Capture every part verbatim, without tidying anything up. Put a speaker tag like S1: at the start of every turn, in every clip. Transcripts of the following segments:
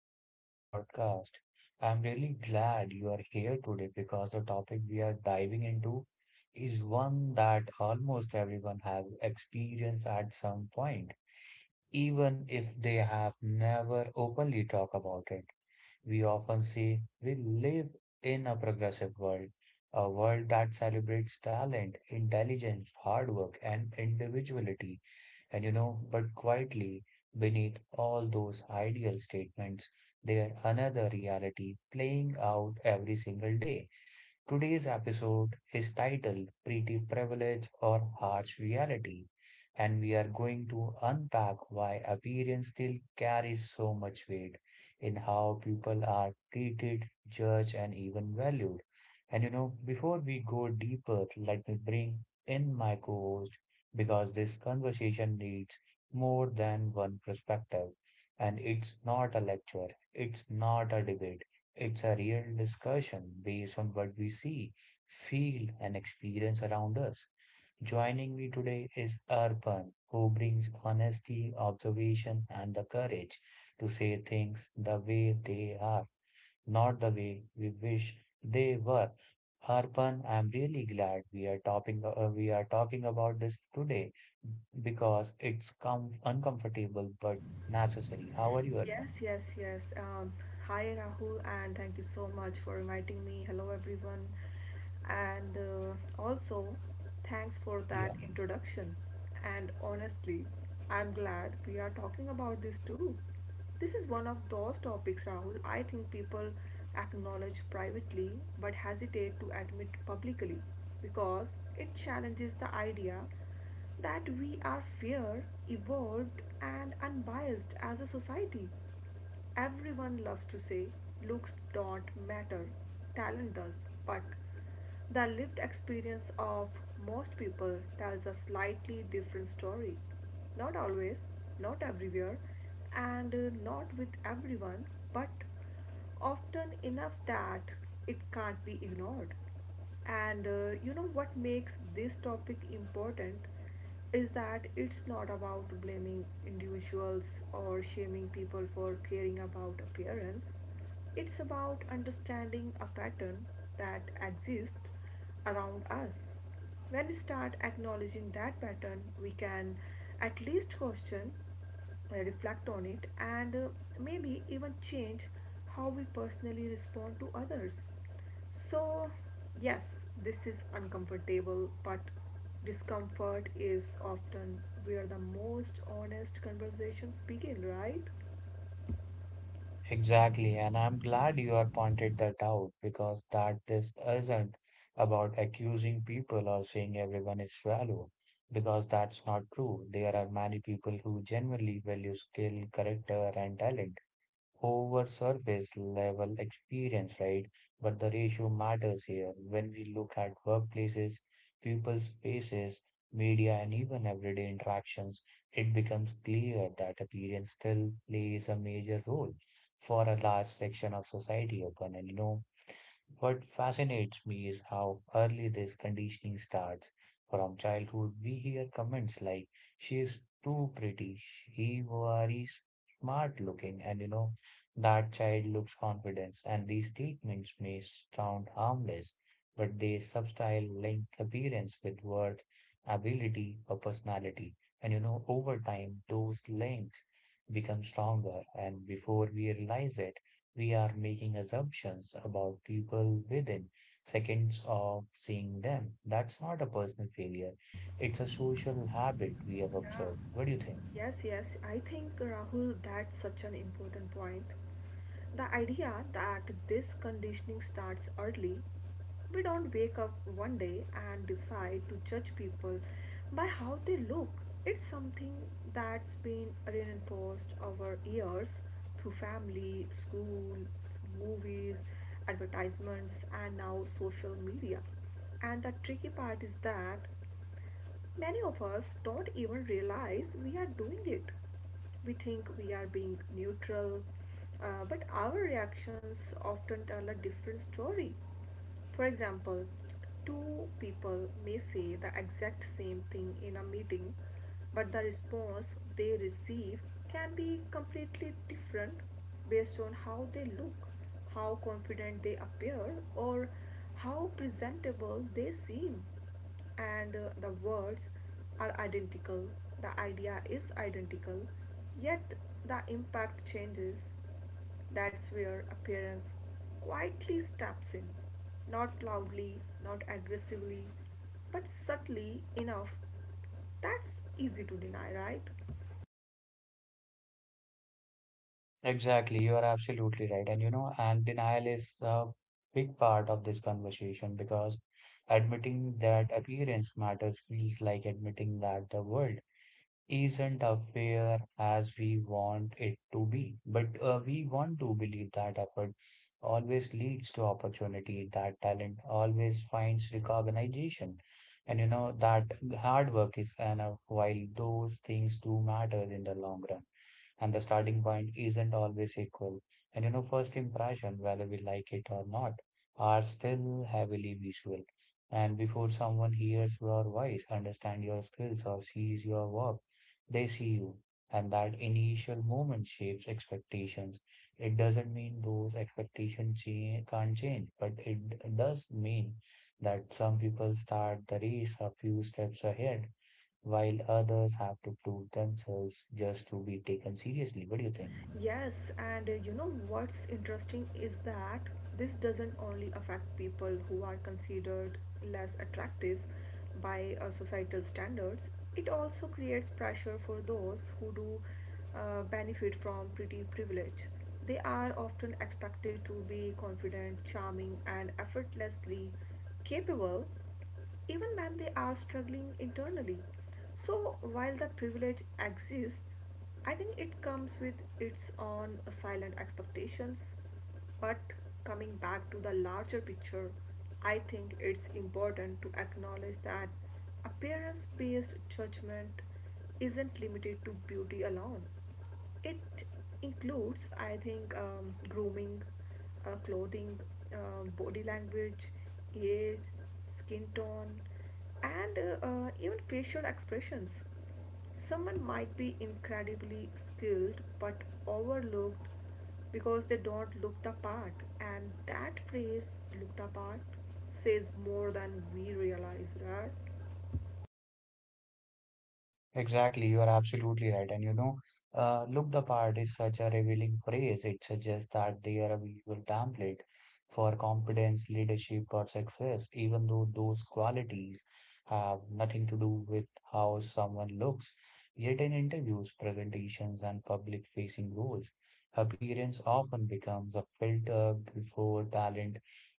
S1: welcome back to the podcast. I'm really glad you are here today because the topic we are diving into is one that almost everyone has experienced at some point, even if they have never openly talked about it. We often say we live in a progressive world, a world that celebrates talent, intelligence, hard work, and individuality. And you know, but quietly beneath all those ideal statements, there another reality playing out every single day. Today's episode is titled Pretty Privilege or Harsh Reality, and we are going to unpack why appearance still carries so much weight in how people are treated, judged, and even valued. And you know, before we go deeper, let me bring in my co host because this conversation needs more than one perspective. And it's not a lecture, it's not a debate, it's a real discussion based on what we see, feel, and experience around us. Joining me today is Arpan, who brings honesty, observation, and the courage to say things the way they are, not the way we wish they were. Arpan, I'm really glad we are talking uh, we are talking about this today because it's com uncomfortable but necessary. How are you, Arpan?
S2: Yes, yes, yes. Um, Hi Rahul, and thank you so much for inviting me. Hello everyone, and uh, also thanks for
S1: Yeah.
S2: that introduction. And honestly, I'm glad we are talking about this too. This is one of those topics, Rahul, I think people acknowledge privately but hesitate to admit publicly because it challenges the idea that we are fair, evolved, and unbiased as a society. Everyone loves to say looks don't matter, talent does, but the lived experience of most people tells a slightly different story. Not always, not everywhere, and uh, not with everyone, but often enough that it can't be ignored. And uh, you know what makes this topic important is that it's not about blaming individuals or shaming people for caring about appearance. It's about understanding a pattern that exists around us. When we start acknowledging that pattern, we can at least question, uh, reflect on it, and uh, maybe even change how we personally respond to others. So, yes, this is uncomfortable, but discomfort is often where the most honest conversations begin, right?
S1: Exactly, and I'm glad you have pointed that out because that this isn't about accusing people or saying everyone is shallow, because that's not true. There are many people who genuinely value skill, character, and talent over surface level experience, right? But the ratio matters here. When we look at workplaces, people spaces, media, and even everyday interactions, it becomes clear that appearance still plays a major role for a large section of society, Open. And you know, what fascinates me is how early this conditioning starts. From childhood, we hear comments like, she is too pretty, he worries smart looking, and you know, that child looks confident. And these statements may sound harmless, but they subtly link appearance with worth, ability, or personality. And you know, over time, those links become stronger, and before we realize it, we are making assumptions about people within seconds of seeing them. That's not a personal failure. It's a social habit we have
S2: Yeah.
S1: observed. What do you think?
S2: Yes, yes. I think, Rahul, that's such an important point. The idea that this conditioning starts early. We don't wake up one day and decide to judge people by how they look. It's something that's been reinforced over years through family, school, movies, advertisements, and now social media. And the tricky part is that many of us don't even realize we are doing it. We think we are being neutral, uh, but our reactions often tell a different story. For example, two people may say the exact same thing in a meeting, but the response they receive can be completely different based on how they look, how confident they appear, or how presentable they seem. And uh, the words are identical, the idea is identical, yet the impact changes. That's where appearance quietly steps in, not loudly, not aggressively, but subtly enough. That's easy to deny, right?
S1: Exactly, you are absolutely right. And you know, and denial is a big part of this conversation because admitting that appearance matters feels like admitting that the world isn't as fair as we want it to be. But uh, we want to believe that effort always leads to opportunity, that talent always finds recognition. And you know that hard work is enough, while those things do matter in the long run and the starting point isn't always equal. And you know, first impression, whether we like it or not, are still heavily visual. And before someone hears your voice, understand your skills, or sees your work, they see you. And that initial moment shapes expectations. It doesn't mean those expectations cha- can't change, but it does mean that some people start the race a few steps ahead while others have to prove themselves just to be taken seriously. What do you think?
S2: Yes, and uh, you know what's interesting is that this doesn't only affect people who are considered less attractive by uh, societal standards, it also creates pressure for those who do uh, benefit from pretty privilege. They are often expected to be confident, charming, and effortlessly capable even when they are struggling internally. So, while that privilege exists, I think it comes with its own silent expectations. But coming back to the larger picture, I think it's important to acknowledge that appearance based judgment isn't limited to beauty alone. It includes, I think, um, grooming, uh, clothing, uh, body language, age, skin tone, and uh, uh, even facial expressions. Someone might be incredibly skilled but overlooked because they don't look the part, and that phrase, look the part, says more than we realize, right?
S1: Exactly, you are absolutely right. And you know, uh, look the part is such a revealing phrase. It suggests that they are a visual template for competence, leadership, or success, even though those qualities have nothing to do with how someone looks. Yet in interviews, presentations, and public-facing roles, appearance often becomes a filter before talent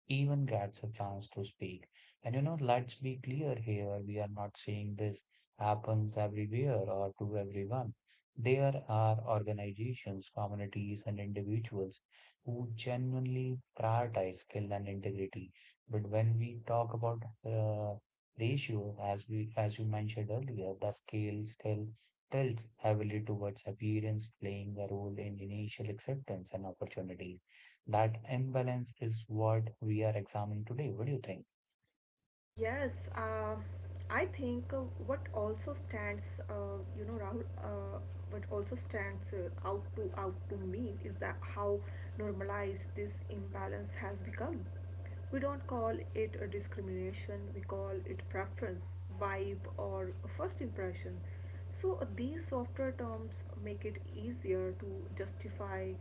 S1: even gets a chance to speak. And you know, let's be clear here, we are not saying this happens everywhere or to everyone. There are organizations, communities, and individuals who genuinely prioritize skill and integrity. But when we talk about uh, ratio, as we as you mentioned earlier, the scale still tilts heavily towards appearance playing a role in initial acceptance and opportunity. That imbalance is what we are examining today. What do you think?
S2: Yes, um, I think uh, what also stands, uh, you know, Rahul, uh, what also stands uh, out to out to me is that how normalized this imbalance has become. We don't call it a discrimination; we call it preference, vibe, or first impression. So uh, these softer terms make it easier to justify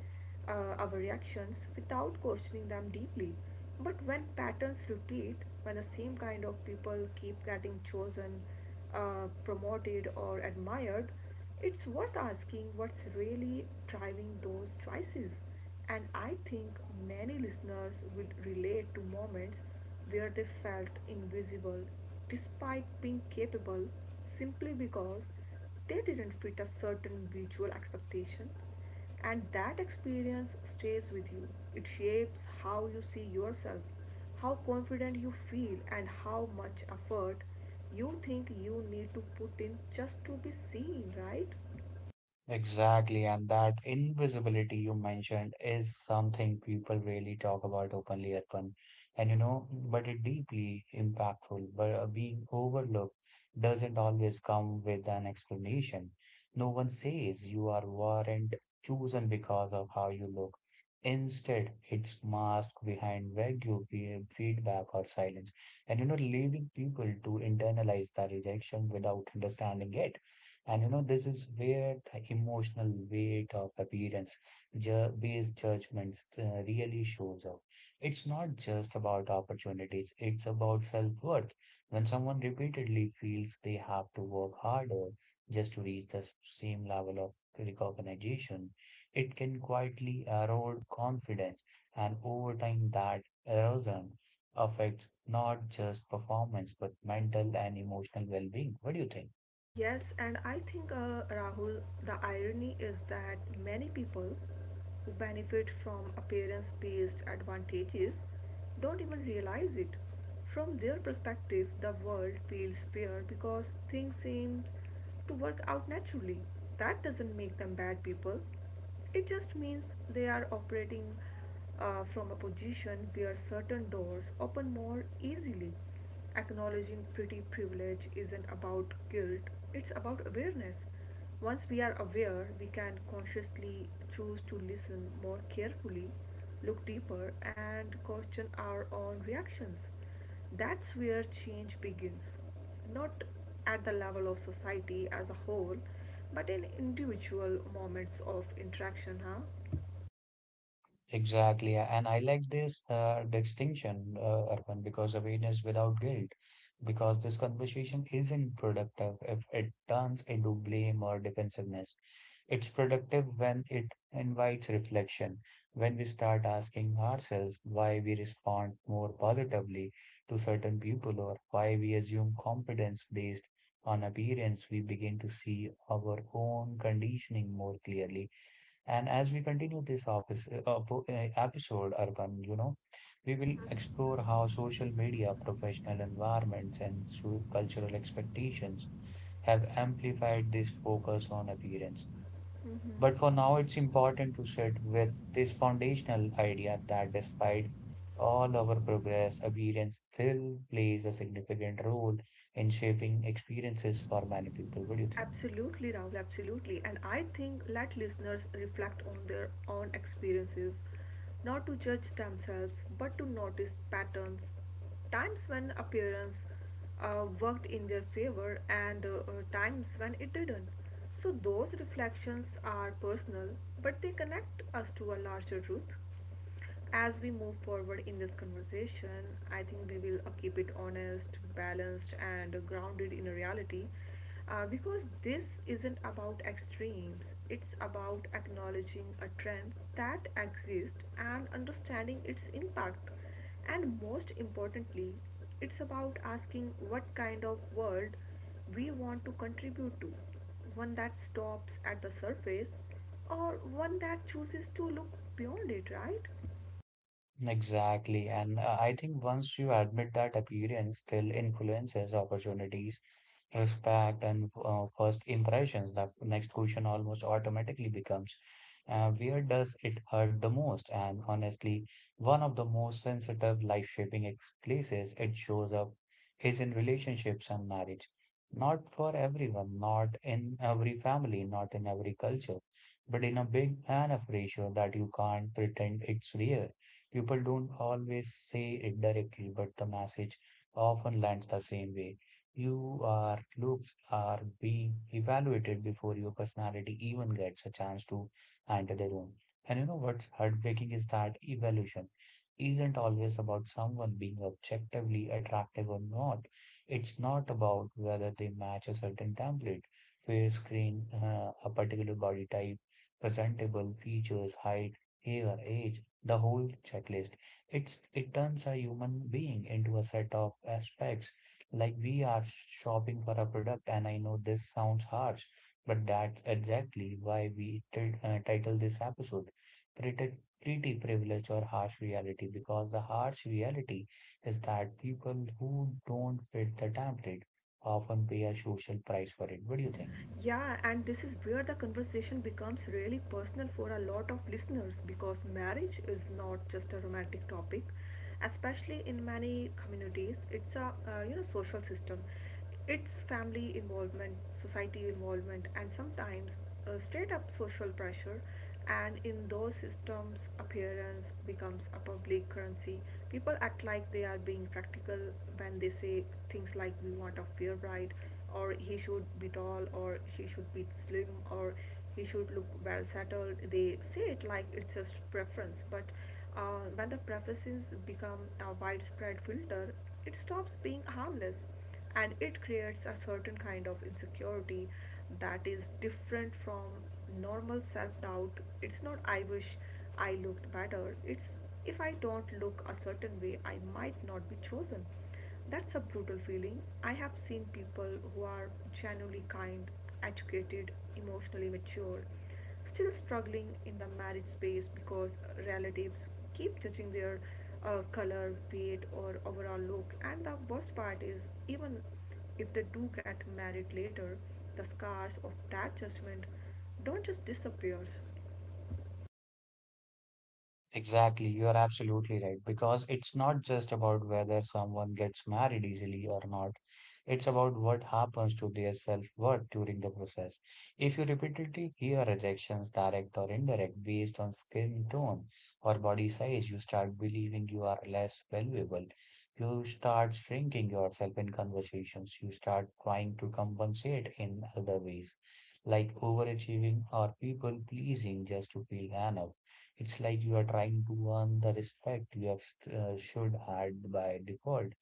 S2: uh, our reactions without questioning them deeply. But when patterns repeat, when the same kind of people keep getting chosen, uh, promoted, or admired, it's worth asking what's really driving those choices. And I think many listeners would relate to moments where they felt invisible despite being capable simply because they didn't fit a certain visual expectation and that experience stays with you. It shapes how you see yourself, how confident you feel, and how much effort you think you need to put in just to be seen, right?
S1: Exactly, and that invisibility you mentioned is something people really talk about openly, Arpan. And you know, but it deeply impactful. But uh, being overlooked doesn't always come with an explanation. No one says you are weren't chosen because of how you look. Instead, it's masked behind vague peer feedback or silence, and you know, leaving people to internalize the rejection without understanding it. And you know, this is where the emotional weight of appearance ju- based judgments uh, really shows up. It's not just about opportunities, it's about self-worth. When someone repeatedly feels they have to work harder just to reach the s- same level of recognition, it can quietly erode confidence. And over time, that erosion affects not just performance, but mental and emotional well-being. What do you think?
S2: Yes, and I think, uh, Rahul, the irony is that many people who benefit from appearance based advantages don't even realize it. From their perspective, the world feels fair because things seem to work out naturally. That doesn't make them bad people, it just means they are operating uh, from a position where certain doors open more easily. Acknowledging pretty privilege isn't about guilt, it's about awareness. Once we are aware, we can consciously choose to listen more carefully, look deeper, and question our own reactions. That's where change begins, not at the level of society as a whole, but in individual moments of interaction, huh?
S1: Exactly. And I like this uh, distinction, uh, Arpan, because awareness without guilt, because this conversation isn't productive if it turns into blame or defensiveness. It's productive when it invites reflection, when we start asking ourselves why we respond more positively to certain people or why we assume competence based on appearance, we begin to see our own conditioning more clearly. And as we continue this opis- uh, op- uh, episode, Urban, you know, we will explore how social media, professional environments, and so- cultural expectations have amplified this focus on appearance. But for now, it's important to sit with this foundational idea that despite all our progress, appearance still plays a significant role in shaping experiences for many people. What do you think?
S2: Absolutely, Rahul, absolutely. And I think let listeners reflect on their own experiences, not to judge themselves, but to notice patterns, times when appearance uh, worked in their favor, and uh, uh, times when it didn't. So, those reflections are personal, but they connect us to a larger truth. As we move forward in this conversation, I think we will uh, keep it honest, balanced, and grounded in reality uh, because this isn't about extremes, it's about acknowledging a trend that exists and understanding its impact. And most importantly, it's about asking what kind of world we want to contribute to, one that stops at the surface or one that chooses to look beyond it, right?
S1: Exactly. And uh, I think once you admit that appearance still influences opportunities, respect and uh, first impressions, the f- next question almost automatically becomes uh, where does it hurt the most. And honestly, one of the most sensitive life shaping ex- places it shows up is in relationships and marriage, not for everyone, not in every family, not in every culture, but in a big enough ratio that you can't pretend it's real. People don't always say it directly, but the message often lands the same way. Your looks are being evaluated before your personality even gets a chance to enter the room. And you know what's heartbreaking is that evaluation isn't always about someone being objectively attractive or not. It's not about whether they match a certain template, fair skin, uh, a particular body type, presentable features, height, hair, age, the whole checklist. It's it turns a human being into a set of aspects like we are shopping for a product, and I know this sounds harsh, but that's exactly why we t- uh, title this episode pretty, pretty Privilege or Harsh Reality, because the harsh reality is that people who don't fit the template often pay a social price for it. What do you think?
S2: Yeah, and this is where the conversation becomes really personal for a lot of listeners because marriage is not just a romantic topic, especially in many communities. It's a uh, you know social system. It's family involvement, society involvement, and sometimes uh, straight up social pressure. And in those systems appearance becomes a public currency. People act like they are being practical when they say things like we want a fair bride, or he should be tall, or she should be slim, or he should look well settled. They say it like it's just preference, but uh, when the preferences become a widespread filter it stops being harmless, and it creates a certain kind of insecurity that is different from normal self-doubt. It's not, I wish I looked better, it's, if I don't look a certain way I might not be chosen. That's a brutal feeling. I have seen people who are genuinely kind, educated, emotionally mature, still struggling in the marriage space because relatives keep judging their uh, color, weight, or overall look. And the worst part is, even if they do get married later, the scars of that judgment don't just disappear.
S1: Exactly, you are absolutely right. Because it's not just about whether someone gets married easily or not, it's about what happens to their self-worth during the process. If you repeatedly hear rejections, direct or indirect, based on skin tone or body size, you start believing you are less valuable. You start shrinking yourself in conversations. You start trying to compensate in other ways, like overachieving or people pleasing just to feel enough. It's like you are trying to earn the respect you have uh, should had by default.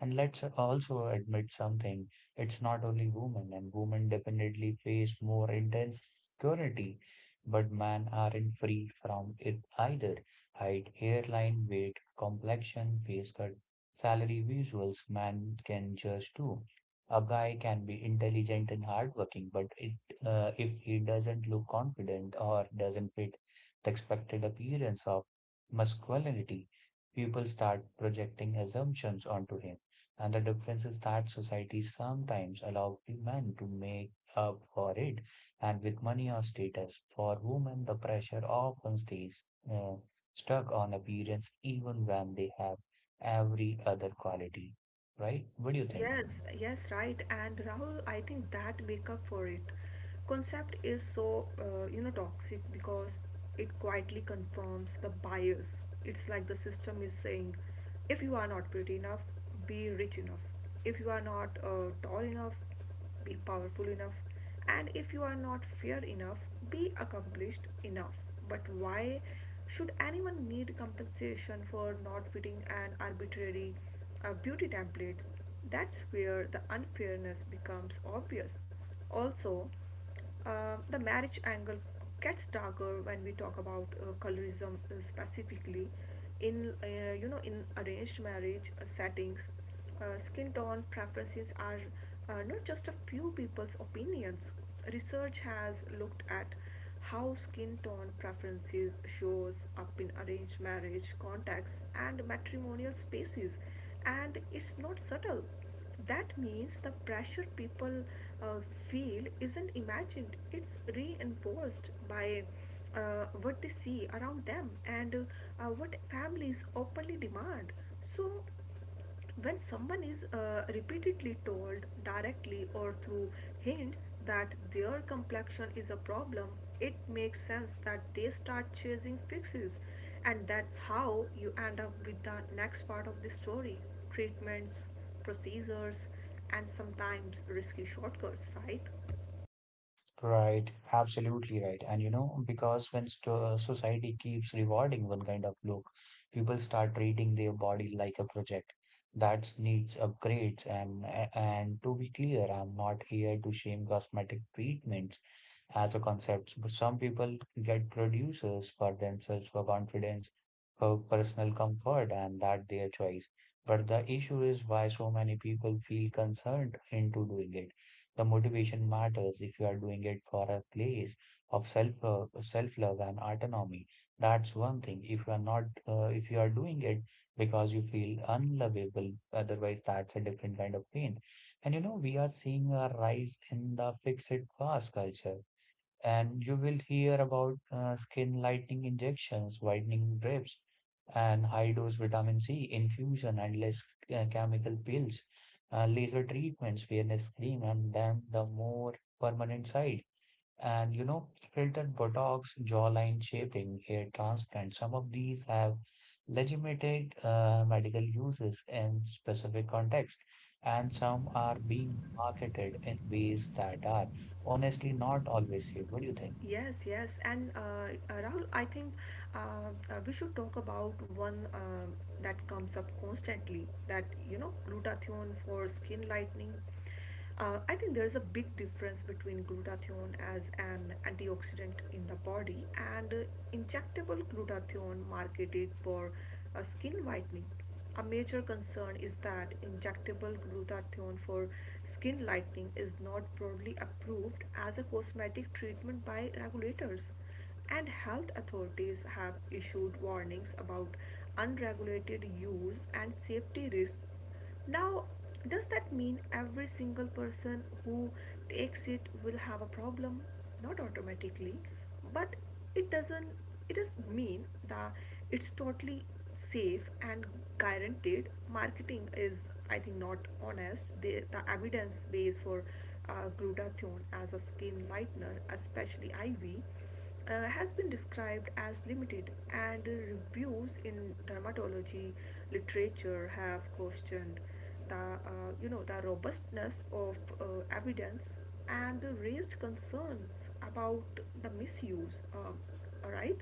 S1: And let's also admit something. It's not only women, and women definitely face more intense security, but men aren't free from it either. Height, hairline, weight, complexion, face cut, salary visuals, man can judge too. A guy can be intelligent and hardworking, but it, uh, if he doesn't look confident or doesn't fit the expected appearance of masculinity, people start projecting assumptions onto him. And the difference is that society sometimes allows men to make up for it, and with money or status. For women, the pressure often stays uh, stuck on appearance even when they have every other quality, right? What do you think?
S2: Yes, yes, right. And Rahul, I think that make up for it concept is so uh, you know toxic because it quietly confirms the bias. It's like the system is saying, if you are not pretty enough, be rich enough. If you are not uh, tall enough, be powerful enough, and if you are not fair enough be accomplished enough. But why should anyone need compensation for not fitting an arbitrary uh, beauty template? That's where the unfairness becomes obvious. Also, uh, the marriage angle gets darker when we talk about uh, colorism uh, specifically. In uh, you know, in arranged marriage uh, settings, uh, skin tone preferences are uh, not just a few people's opinions. Research has looked at how skin tone preferences shows up in arranged marriage contexts and matrimonial spaces, and it's not subtle. That means the pressure people uh, feel isn't imagined, it's reinforced by uh, what they see around them and uh, what families openly demand. So, when someone is uh, repeatedly told directly or through hints that their complexion is a problem, it makes sense that they start chasing fixes. And that's how you end up with the next part of the story: treatments, procedures, and sometimes risky shortcuts, right?
S1: Right, absolutely right. And you know, because when st society keeps rewarding one kind of look, people start treating their body like a project that needs upgrades. And and to be clear, I'm not here to shame cosmetic treatments as a concept. But some people get producers for themselves for confidence, for personal comfort, and that their choice. But the issue is why so many people feel concerned into doing it. The motivation matters. If you are doing it for a place of self uh, self love and autonomy, that's one thing. If you are not, uh, if you are doing it because you feel unlovable, otherwise that's a different kind of pain. And you know, we are seeing a rise in the fix it fast culture, and you will hear about uh, skin lightening injections, whitening drips, and high dose vitamin C infusion, and less uh, chemical pills, uh, laser treatments, fairness cream, and then the more permanent side. And you know, filtered botox, jawline shaping, hair transplant. Some of these have legitimate uh, medical uses in specific context, and some are being marketed in ways that are honestly not always safe. What do you think?
S2: Yes, yes. And uh, uh, Rahul, I think uh, uh, we should talk about one um that comes up constantly, that, you know, glutathione for skin lightening. Uh, I think there is a big difference between glutathione as an antioxidant in the body and uh, injectable glutathione marketed for uh, skin whitening. A major concern is that injectable glutathione for skin lightening is not broadly approved as a cosmetic treatment by regulators, and health authorities have issued warnings about unregulated use and safety risks. Now, does that mean every single person who takes it will have a problem? Not automatically, but it doesn't it doesn't mean that it's totally safe and guaranteed. Marketing is, I think, not honest. The, the evidence base for uh, glutathione as a skin whitener, especially I V, uh, has been described as limited, and reviews in dermatology literature have questioned the uh, you know the robustness of uh, evidence and raised concerns about the misuse. Um, right?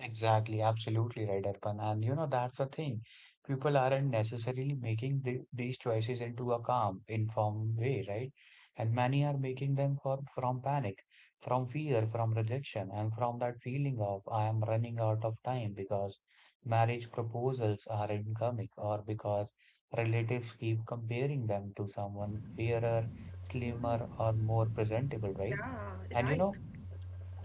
S1: Exactly, absolutely right, Arpan. And you know, that's the thing. People aren't necessarily making the, these choices into a calm, informed way, right? And many are making them for, from panic, from fear, from rejection, and from that feeling of I am running out of time, because marriage proposals are incoming, or because relatives keep comparing them to someone fairer, slimmer, or more presentable, right?
S2: Yeah,
S1: And you
S2: right.
S1: know,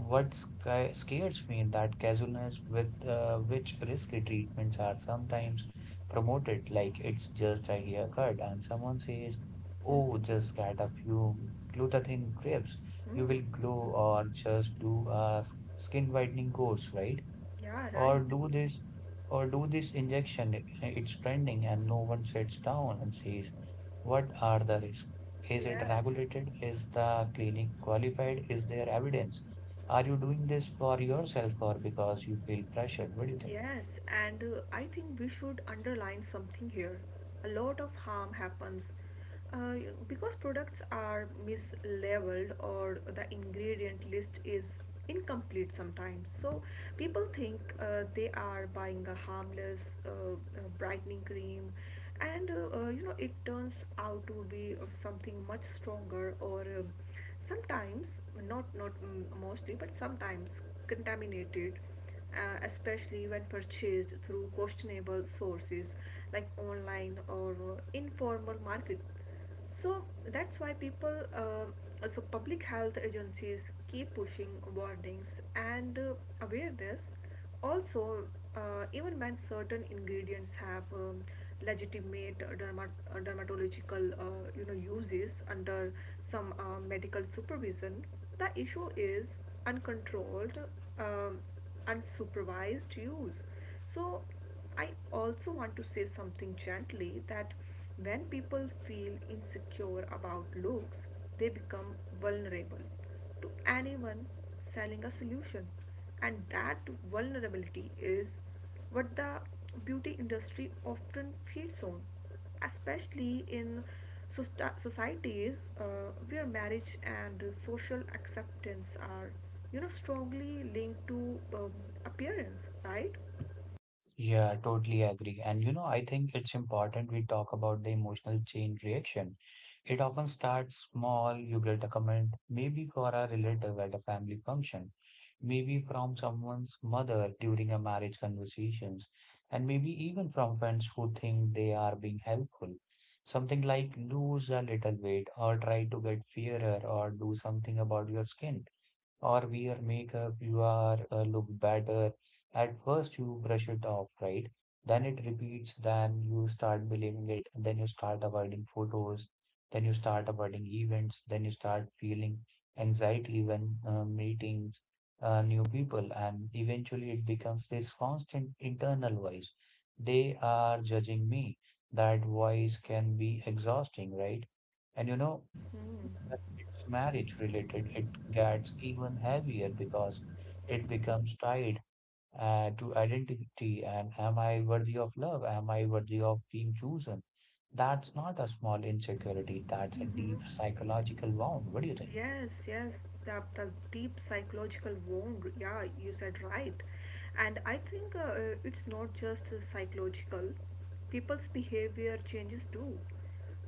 S1: what sca- scares me is that casualness with uh, which risky treatments are sometimes promoted, like it's just a haircut, and someone says, "Oh, just get a few glutathione drips, you will glow," or just do a s- skin whitening course, right?
S2: Yeah,
S1: Or
S2: right.
S1: do this, or do this injection, it- it's trending and no one sits down and says, what are the risks? Is it
S2: Yes.
S1: regulated? Is the clinic qualified? Is there evidence? Are you doing this for yourself or because you feel pressured? What do you think?
S2: Yes, and uh, I think we should underline something here. A lot of harm happens uh, because products are mislabeled or the ingredient list is incomplete sometimes. So people think uh, they are buying a harmless uh, uh, brightening cream, and uh, uh, you know it turns out to be uh, something much stronger or uh, sometimes not not mm, mostly but sometimes contaminated, uh, especially when purchased through questionable sources like online or uh, informal market. So that's why people, uh, so public health agencies keep pushing warnings and uh, awareness also, uh, even when certain ingredients have um, legitimate dermat- uh, dermatological uh, you know uses under some uh, medical supervision, the issue is uncontrolled, um, unsupervised use. So, I also want to say something gently that when people feel insecure about looks, they become vulnerable to anyone selling a solution, and that vulnerability is what the beauty industry often feeds on, especially in soci- societies uh, where marriage and social acceptance are, you know strongly linked to um, appearance, right?
S1: Yeah, totally agree. And you know, I think it's important we talk about the emotional chain reaction. It often starts small. You get a comment, maybe for a relative at a family function, maybe from someone's mother during a marriage conversations, and maybe even from friends who think they are being helpful. Something like lose a little weight, or try to get fairer, or do something about your skin, or wear makeup, you are uh, look better. At first, you brush it off, right? Then it repeats, then you start believing it, then you start avoiding photos, then you start avoiding events, then you start feeling anxiety when uh, meeting uh, new people, and eventually it becomes this constant internal voice. They are judging me. That voice can be exhausting, right? And you know, when it's marriage related, it gets even heavier because it becomes tied uh, to identity, and am I worthy of love? Am I worthy of being chosen? That's not a small insecurity, that's a deep psychological wound. What do you think?
S2: Yes, yes, the, the deep psychological wound. Yeah, you said right. And I think uh, uh, it's not just uh, psychological, people's behavior changes too.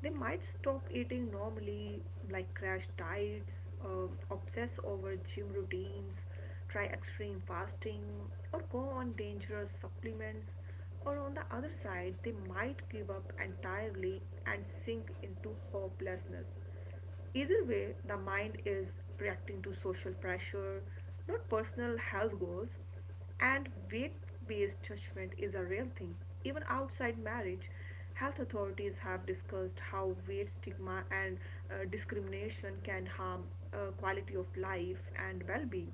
S2: They might stop eating normally, like crash diets, uh, obsess over gym routines, try extreme fasting, or go on dangerous supplements. Or on the other side, they might give up entirely and sink into hopelessness. Either way, the mind is reacting to social pressure, not personal health goals, and weight based judgment is a real thing. Even outside marriage, health authorities have discussed how weight stigma and uh, discrimination can harm uh, quality of life and well being.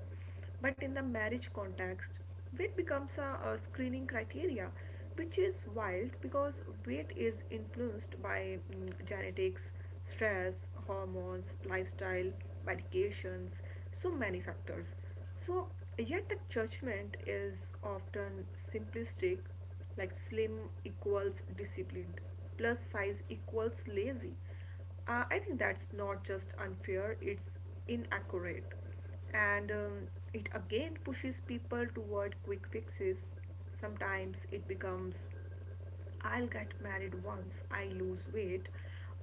S2: But in the marriage context, weight becomes a, a screening criteria, which is wild because weight is influenced by mm, genetics, stress, hormones, lifestyle, medications, so many factors. So, yet the judgment is often simplistic, like slim equals disciplined, plus size equals lazy. Uh, I think that's not just unfair, it's inaccurate, and um, it again pushes people toward quick fixes. Sometimes it becomes, I'll get married once I lose weight,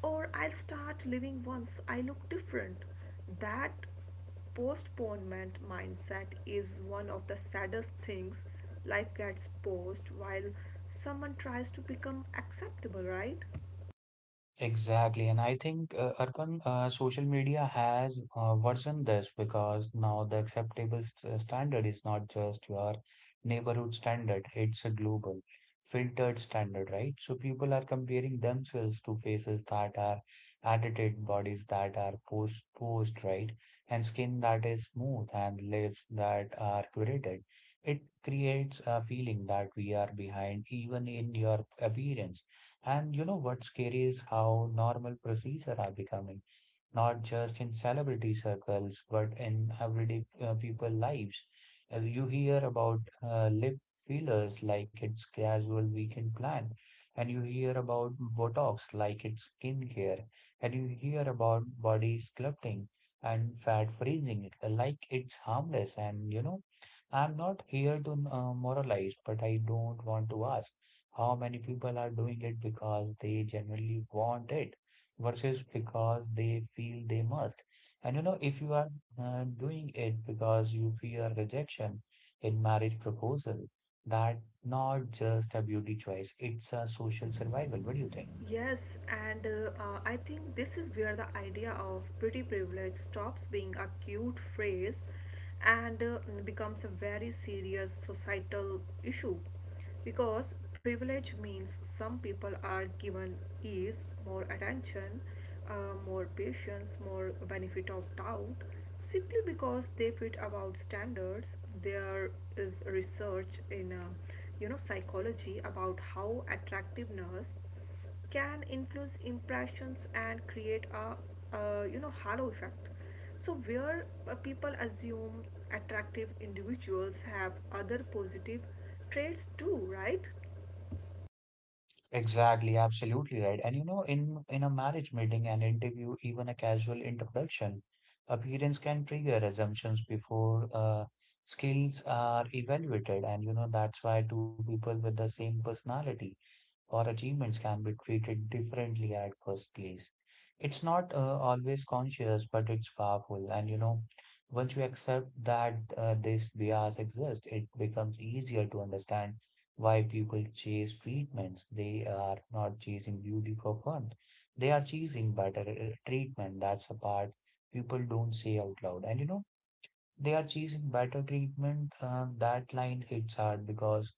S2: or I'll start living once I look different. That postponement mindset is one of the saddest things. Life gets paused while someone tries to become acceptable, right?
S1: Exactly, and I think uh, Arpan, uh, social media has uh, worsened this because now the acceptable st standard is not just your neighborhood standard, it's a global filtered standard, right? So people are comparing themselves to faces that are edited, bodies that are post posed, right? And skin that is smooth and lips that are curated. It creates a feeling that we are behind even in your appearance. And you know, what's scary is how normal procedure are becoming, not just in celebrity circles, but in everyday uh, people lives. Uh, You hear about uh, lip fillers like it's casual weekend plan, and you hear about Botox like it's skincare, and you hear about body sculpting and fat freezing like it's harmless. And you know, I'm not here to uh, moralize, but I don't want to ask how many people are doing it because they generally want it versus because they feel they must. And you know, if you are uh, doing it because you fear rejection in marriage proposal, that not just a beauty choice, it's a social survival. What do you think?
S2: Yes, and uh, uh, I think this is where the idea of pretty privilege stops being a cute phrase and uh, becomes a very serious societal issue, because privilege means some people are given ease, more attention, uh, more patience, more benefit of doubt simply because they fit about standards. There is research in uh, you know psychology about how attractiveness can influence impressions and create a, uh you know halo effect, so where uh, people assume attractive individuals have other positive traits too, right?
S1: Exactly, absolutely right. And you know, in in a marriage meeting, an interview, even a casual introduction, appearance can trigger assumptions before uh, skills are evaluated. And you know, that's why two people with the same personality or achievements can be treated differently at first place. It's not uh, always conscious, but it's powerful. And you know, once you accept that uh, this bias exists, it becomes easier to understand why people chase treatments. They are not chasing beauty for fun, they are chasing better uh, treatment. That's a part people don't say out loud. And you know, they are chasing better treatment. Uh, that line hits hard because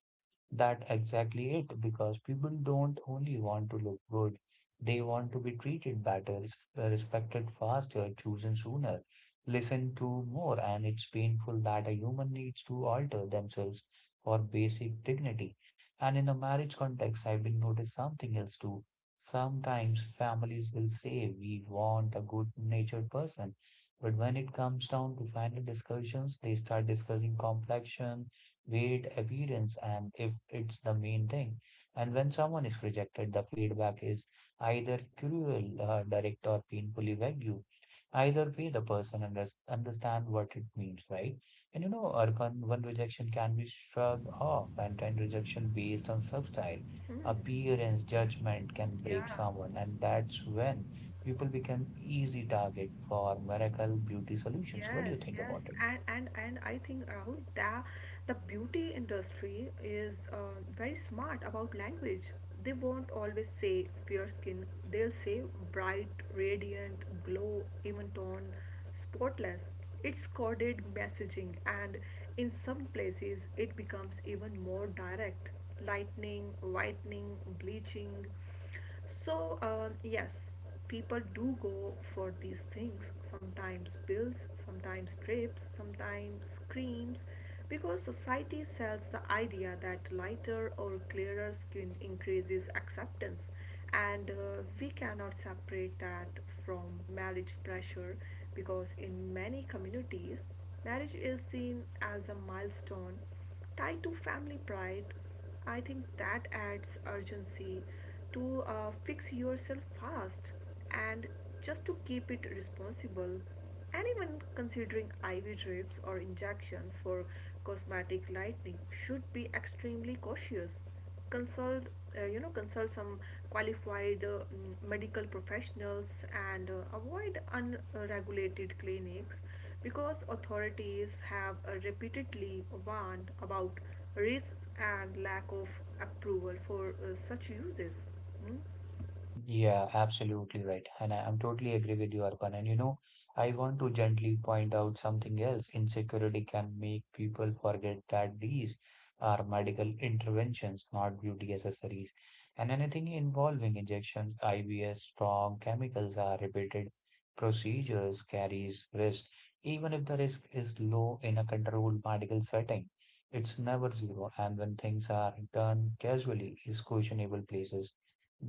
S1: that exactly it, because people don't only want to look good, they want to be treated better, res- respected faster, chosen sooner, listened to more, and it's painful that a human needs to alter themselves for basic dignity. And in a marriage context, I've been noticed something else too. Sometimes families will say we want a good-natured person, but when it comes down to final discussions, they start discussing complexion, weight, appearance, and if it's the main thing. And when someone is rejected, the feedback is either cruel, uh, direct, or painfully vague. Either way, the person under understand what it means, right? And you know, urban one rejection can be shrugged off, and ten rejection based on substyle, appearance, judgment can break
S2: Yeah.
S1: someone, and that's when people become easy target for miracle beauty solutions. What do you
S2: Yes,
S1: think
S2: yes,
S1: about it?
S2: and and and I think Rahul that the beauty industry is uh, very smart about language. They won't always say fair skin. They'll say bright, radiant, glow, even tone, spotless. It's coded messaging, and in some places it becomes even more direct. Lightening, whitening, bleaching. So, um, yes, people do go for these things, sometimes pills, sometimes trips, sometimes creams, because society sells the idea that lighter or clearer skin increases acceptance, and uh, we cannot separate that from marriage pressure, because in many communities, marriage is seen as a milestone tied to family pride. I think that adds urgency to uh, fix yourself fast, and just to keep it responsible. And even considering I V drips or injections for cosmetic lightening should be extremely cautious. Consult uh, you know consult some qualified uh, mm, medical professionals and uh, avoid unregulated clinics, because authorities have uh, repeatedly warned about risks and lack of approval for uh, such uses. Mm.
S1: Yeah, absolutely right. And I, I'm totally agree with you, Arpan. And you know, I want to gently point out something else. Insecurity can make people forget that these are medical interventions, not beauty accessories. And anything involving injections, I Vs, strong chemicals are repeated procedures carries risk. Even if the risk is low in a controlled medical setting, it's never zero. And when things are done casually, is questionable places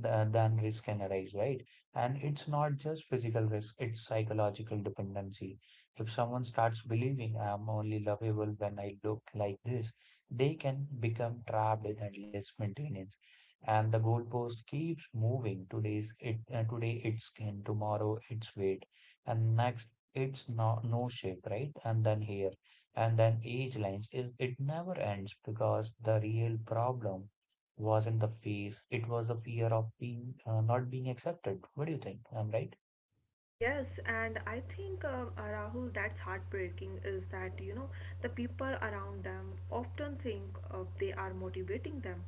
S1: th- then risk can arise, right? And it's not just physical risk, it's psychological dependency. If someone starts believing I'm only lovable when I look like this, they can become trapped in endless maintenance. And the goalpost keeps moving. Today's it, uh, today it's skin, tomorrow it's weight, and next it's no, no shape, right? And then here, and then age lines. It, it never ends because the real problem wasn't the face. It was the fear of being uh, not being accepted. What do you think? I'm right?
S2: Yes, and I think um, uh, Rahul, that's heartbreaking is that, you know, the people around them often think uh, they are motivating them.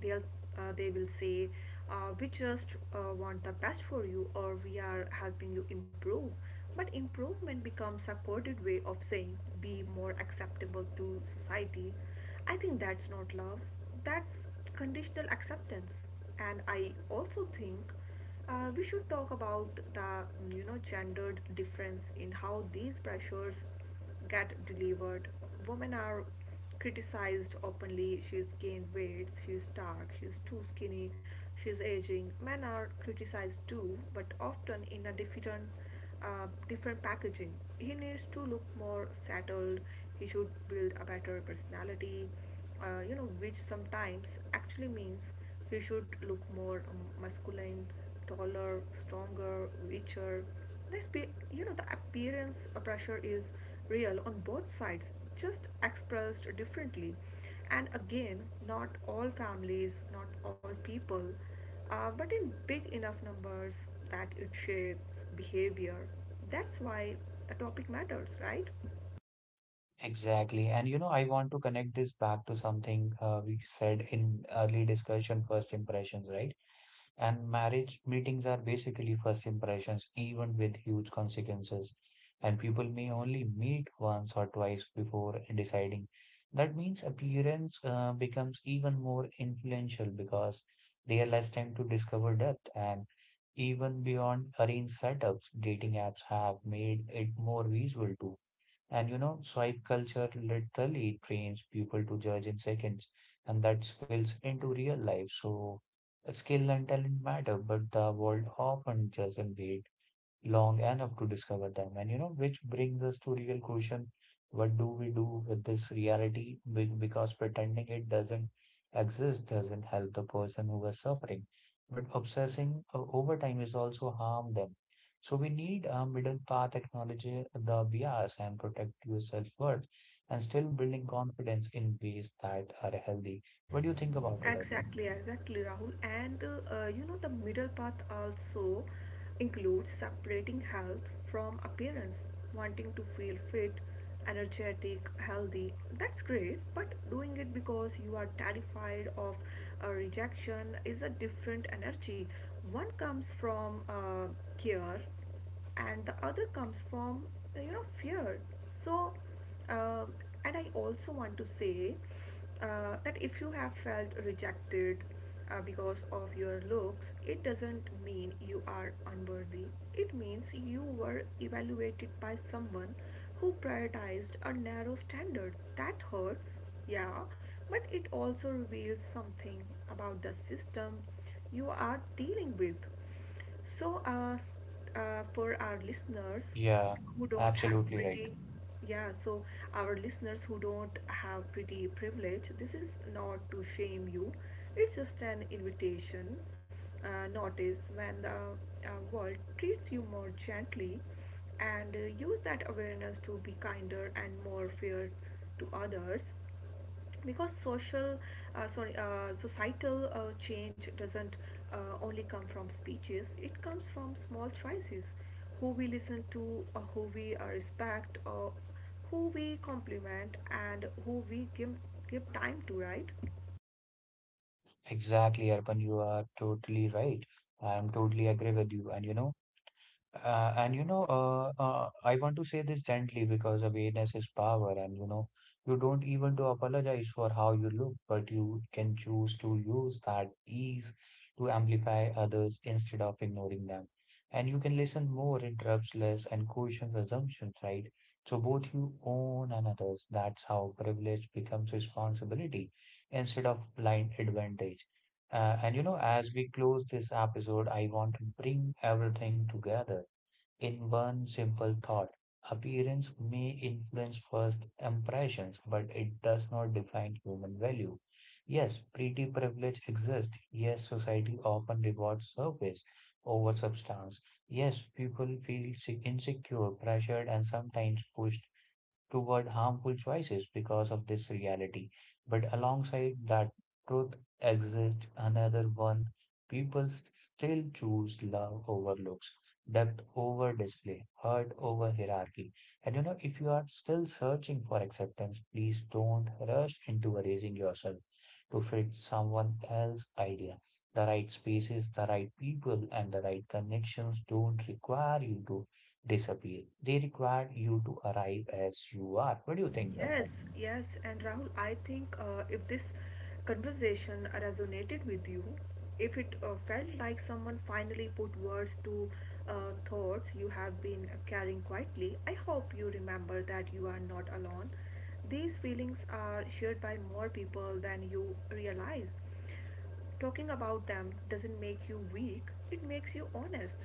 S2: They'll uh, they will say, uh, "We just uh, want the best for you," or "We are helping you improve." But improvement becomes a coded way of saying, "Be more acceptable to society." I think that's not love. That's conditional acceptance, and I also think. Uh, we should talk about the mm, you know gendered difference in how these pressures get delivered. Women are criticized openly. She's gained weight. She's dark. She's too skinny. She's aging. Men are criticized too, but often in a different uh, different packaging. He needs to look more settled. He should build a better personality. Uh, you know, which sometimes actually means we should look more um, masculine, taller, stronger, richer. Let's be, you know the appearance pressure is real on both sides, just expressed differently. And again, not all families, not all people, uh, but in big enough numbers that it shapes behavior. That's why the topic matters, right?
S1: Exactly. And you know, I want to connect this back to something uh, we said in early discussion, first impressions, right? And marriage meetings are basically first impressions, even with huge consequences. And people may only meet once or twice before deciding. That means appearance uh, becomes even more influential because they are less time to discover depth. And even beyond arranged setups, dating apps have made it more visual too. And you know, swipe culture literally trains people to judge in seconds, and that spills into real life. So, skill and talent matter, but the world often doesn't wait long enough to discover them. And you know, which brings us to real question, what do we do with this reality? Be- Because pretending it doesn't exist doesn't help the person who is suffering, but obsessing uh, over time is also harm them. So we need a middle path, acknowledge the bias and protect your self-worth and still building confidence in ways that are healthy. What do you think about it, Arpan?
S2: Exactly, exactly, Rahul. And uh, uh, you know, the middle path also includes separating health from appearance, wanting to feel fit, energetic, healthy. That's great, but doing it because you are terrified of uh, rejection is a different energy. One comes from uh, care, and the other comes from uh, you know fear. So, uh, and I also want to say uh, that if you have felt rejected uh, because of your looks, it doesn't mean you are unworthy. It means you were evaluated by someone who prioritized a narrow standard. That hurts, yeah, but it also reveals something about the system you are dealing with. So, uh, uh, for our listeners
S1: Yeah,
S2: who don't have
S1: absolutely right.
S2: pretty, yeah, so our listeners who don't have pretty privilege, this is not to shame you. It's just an invitation. Uh, notice when the uh, world treats you more gently, and uh, use that awareness to be kinder and more fair to others, because social uh, sorry uh, societal uh, change doesn't uh, only come from speeches, it comes from small choices, who we listen to, or who we uh, respect, or who we compliment, and who we give give time to, right?
S1: Exactly, Arpan, you are totally right. I am totally agree with you. And you know, uh, and you know, uh, uh, I want to say this gently because awareness is power, and you know, you don't even to apologize for how you look, but you can choose to use that ease to amplify others instead of ignoring them. And you can listen more, interrupts less, and questions assumptions, right? So both you own and others. That's how privilege becomes responsibility instead of blind advantage. Uh, and you know, as we close this episode, I want to bring everything together in one simple thought. Appearance may influence first impressions, but it does not define human value. Yes, pretty privilege exists. Yes, society often rewards surface over substance. Yes, people feel se- insecure, pressured, and sometimes pushed toward harmful choices because of this reality. But alongside that truth exists another one. People s- still choose love over looks, depth over display, hurt over hierarchy. And you know, if you are still searching for acceptance, please don't rush into erasing yourself to fit someone else's idea. The right spaces, the right people, and the right connections don't require you to disappear. They require you to arrive as you are. What do you think,
S2: Yes,
S1: Arpan?
S2: yes, and Rahul, I think uh, if this conversation resonated with you, if it uh, felt like someone finally put words to uh, thoughts you have been carrying quietly, I hope you remember that you are not alone. These feelings are shared by more people than you realize. Talking about them doesn't make you weak, it makes you honest.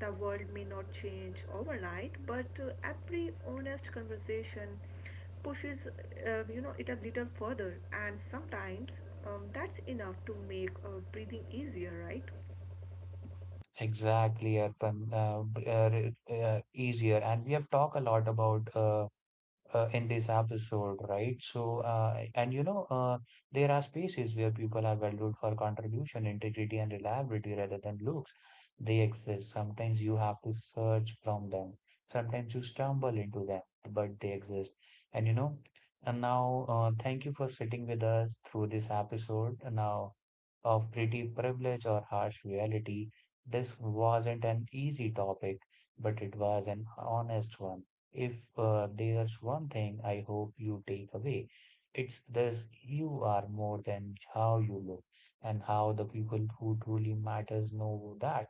S2: The world may not change overnight, but uh, every honest conversation pushes uh, you know it a little further, and sometimes um, that's enough to make uh, breathing easier, right?
S1: Exactly, Arpan. Uh, b- uh, re- uh, easier. And we have talked a lot about uh, uh, in this episode, right? So, uh, and you know, uh, there are spaces where people are valued for contribution, integrity, and reliability rather than looks. They exist. Sometimes you have to search from them. Sometimes you stumble into them, but they exist. And you know, and now, uh, thank you for sitting with us through this episode. Now, of pretty privilege or harsh reality, this wasn't an easy topic, but it was an honest one. If uh, there's one thing I hope you take away, it's this you are more than how you look, and how the people who truly matters know that.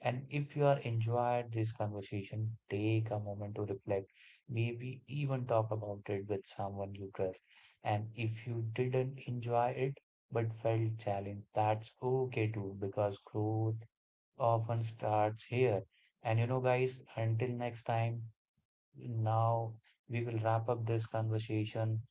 S1: And if you are enjoyed this conversation, take a moment to reflect, maybe even talk about it with someone you trust. And if you didn't enjoy it but felt challenged, that's okay too, because growth often starts here. And you know, guys, until next time. Now we will wrap up this conversation.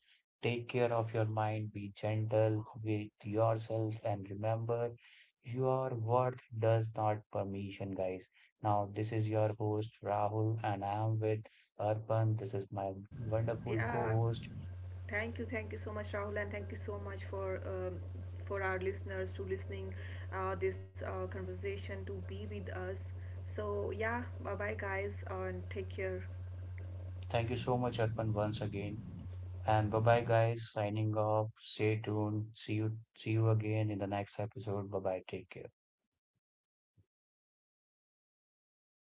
S1: Take care of your mind, be gentle with yourself, and remember your worth does not permission, guys. Now, this is your host Rahul, and I am with Arpan. This is my wonderful co
S2: Yeah.
S1: host.
S2: Thank you, thank you so much, Rahul, and thank you so much for um, for our listeners to listening uh, this uh, conversation to be with us. So yeah, bye bye guys, and take care.
S1: Thank you so much, Arpan, once again. And bye bye, guys. Signing off. Stay tuned. See you, see you again in the next episode. Bye bye. Take care.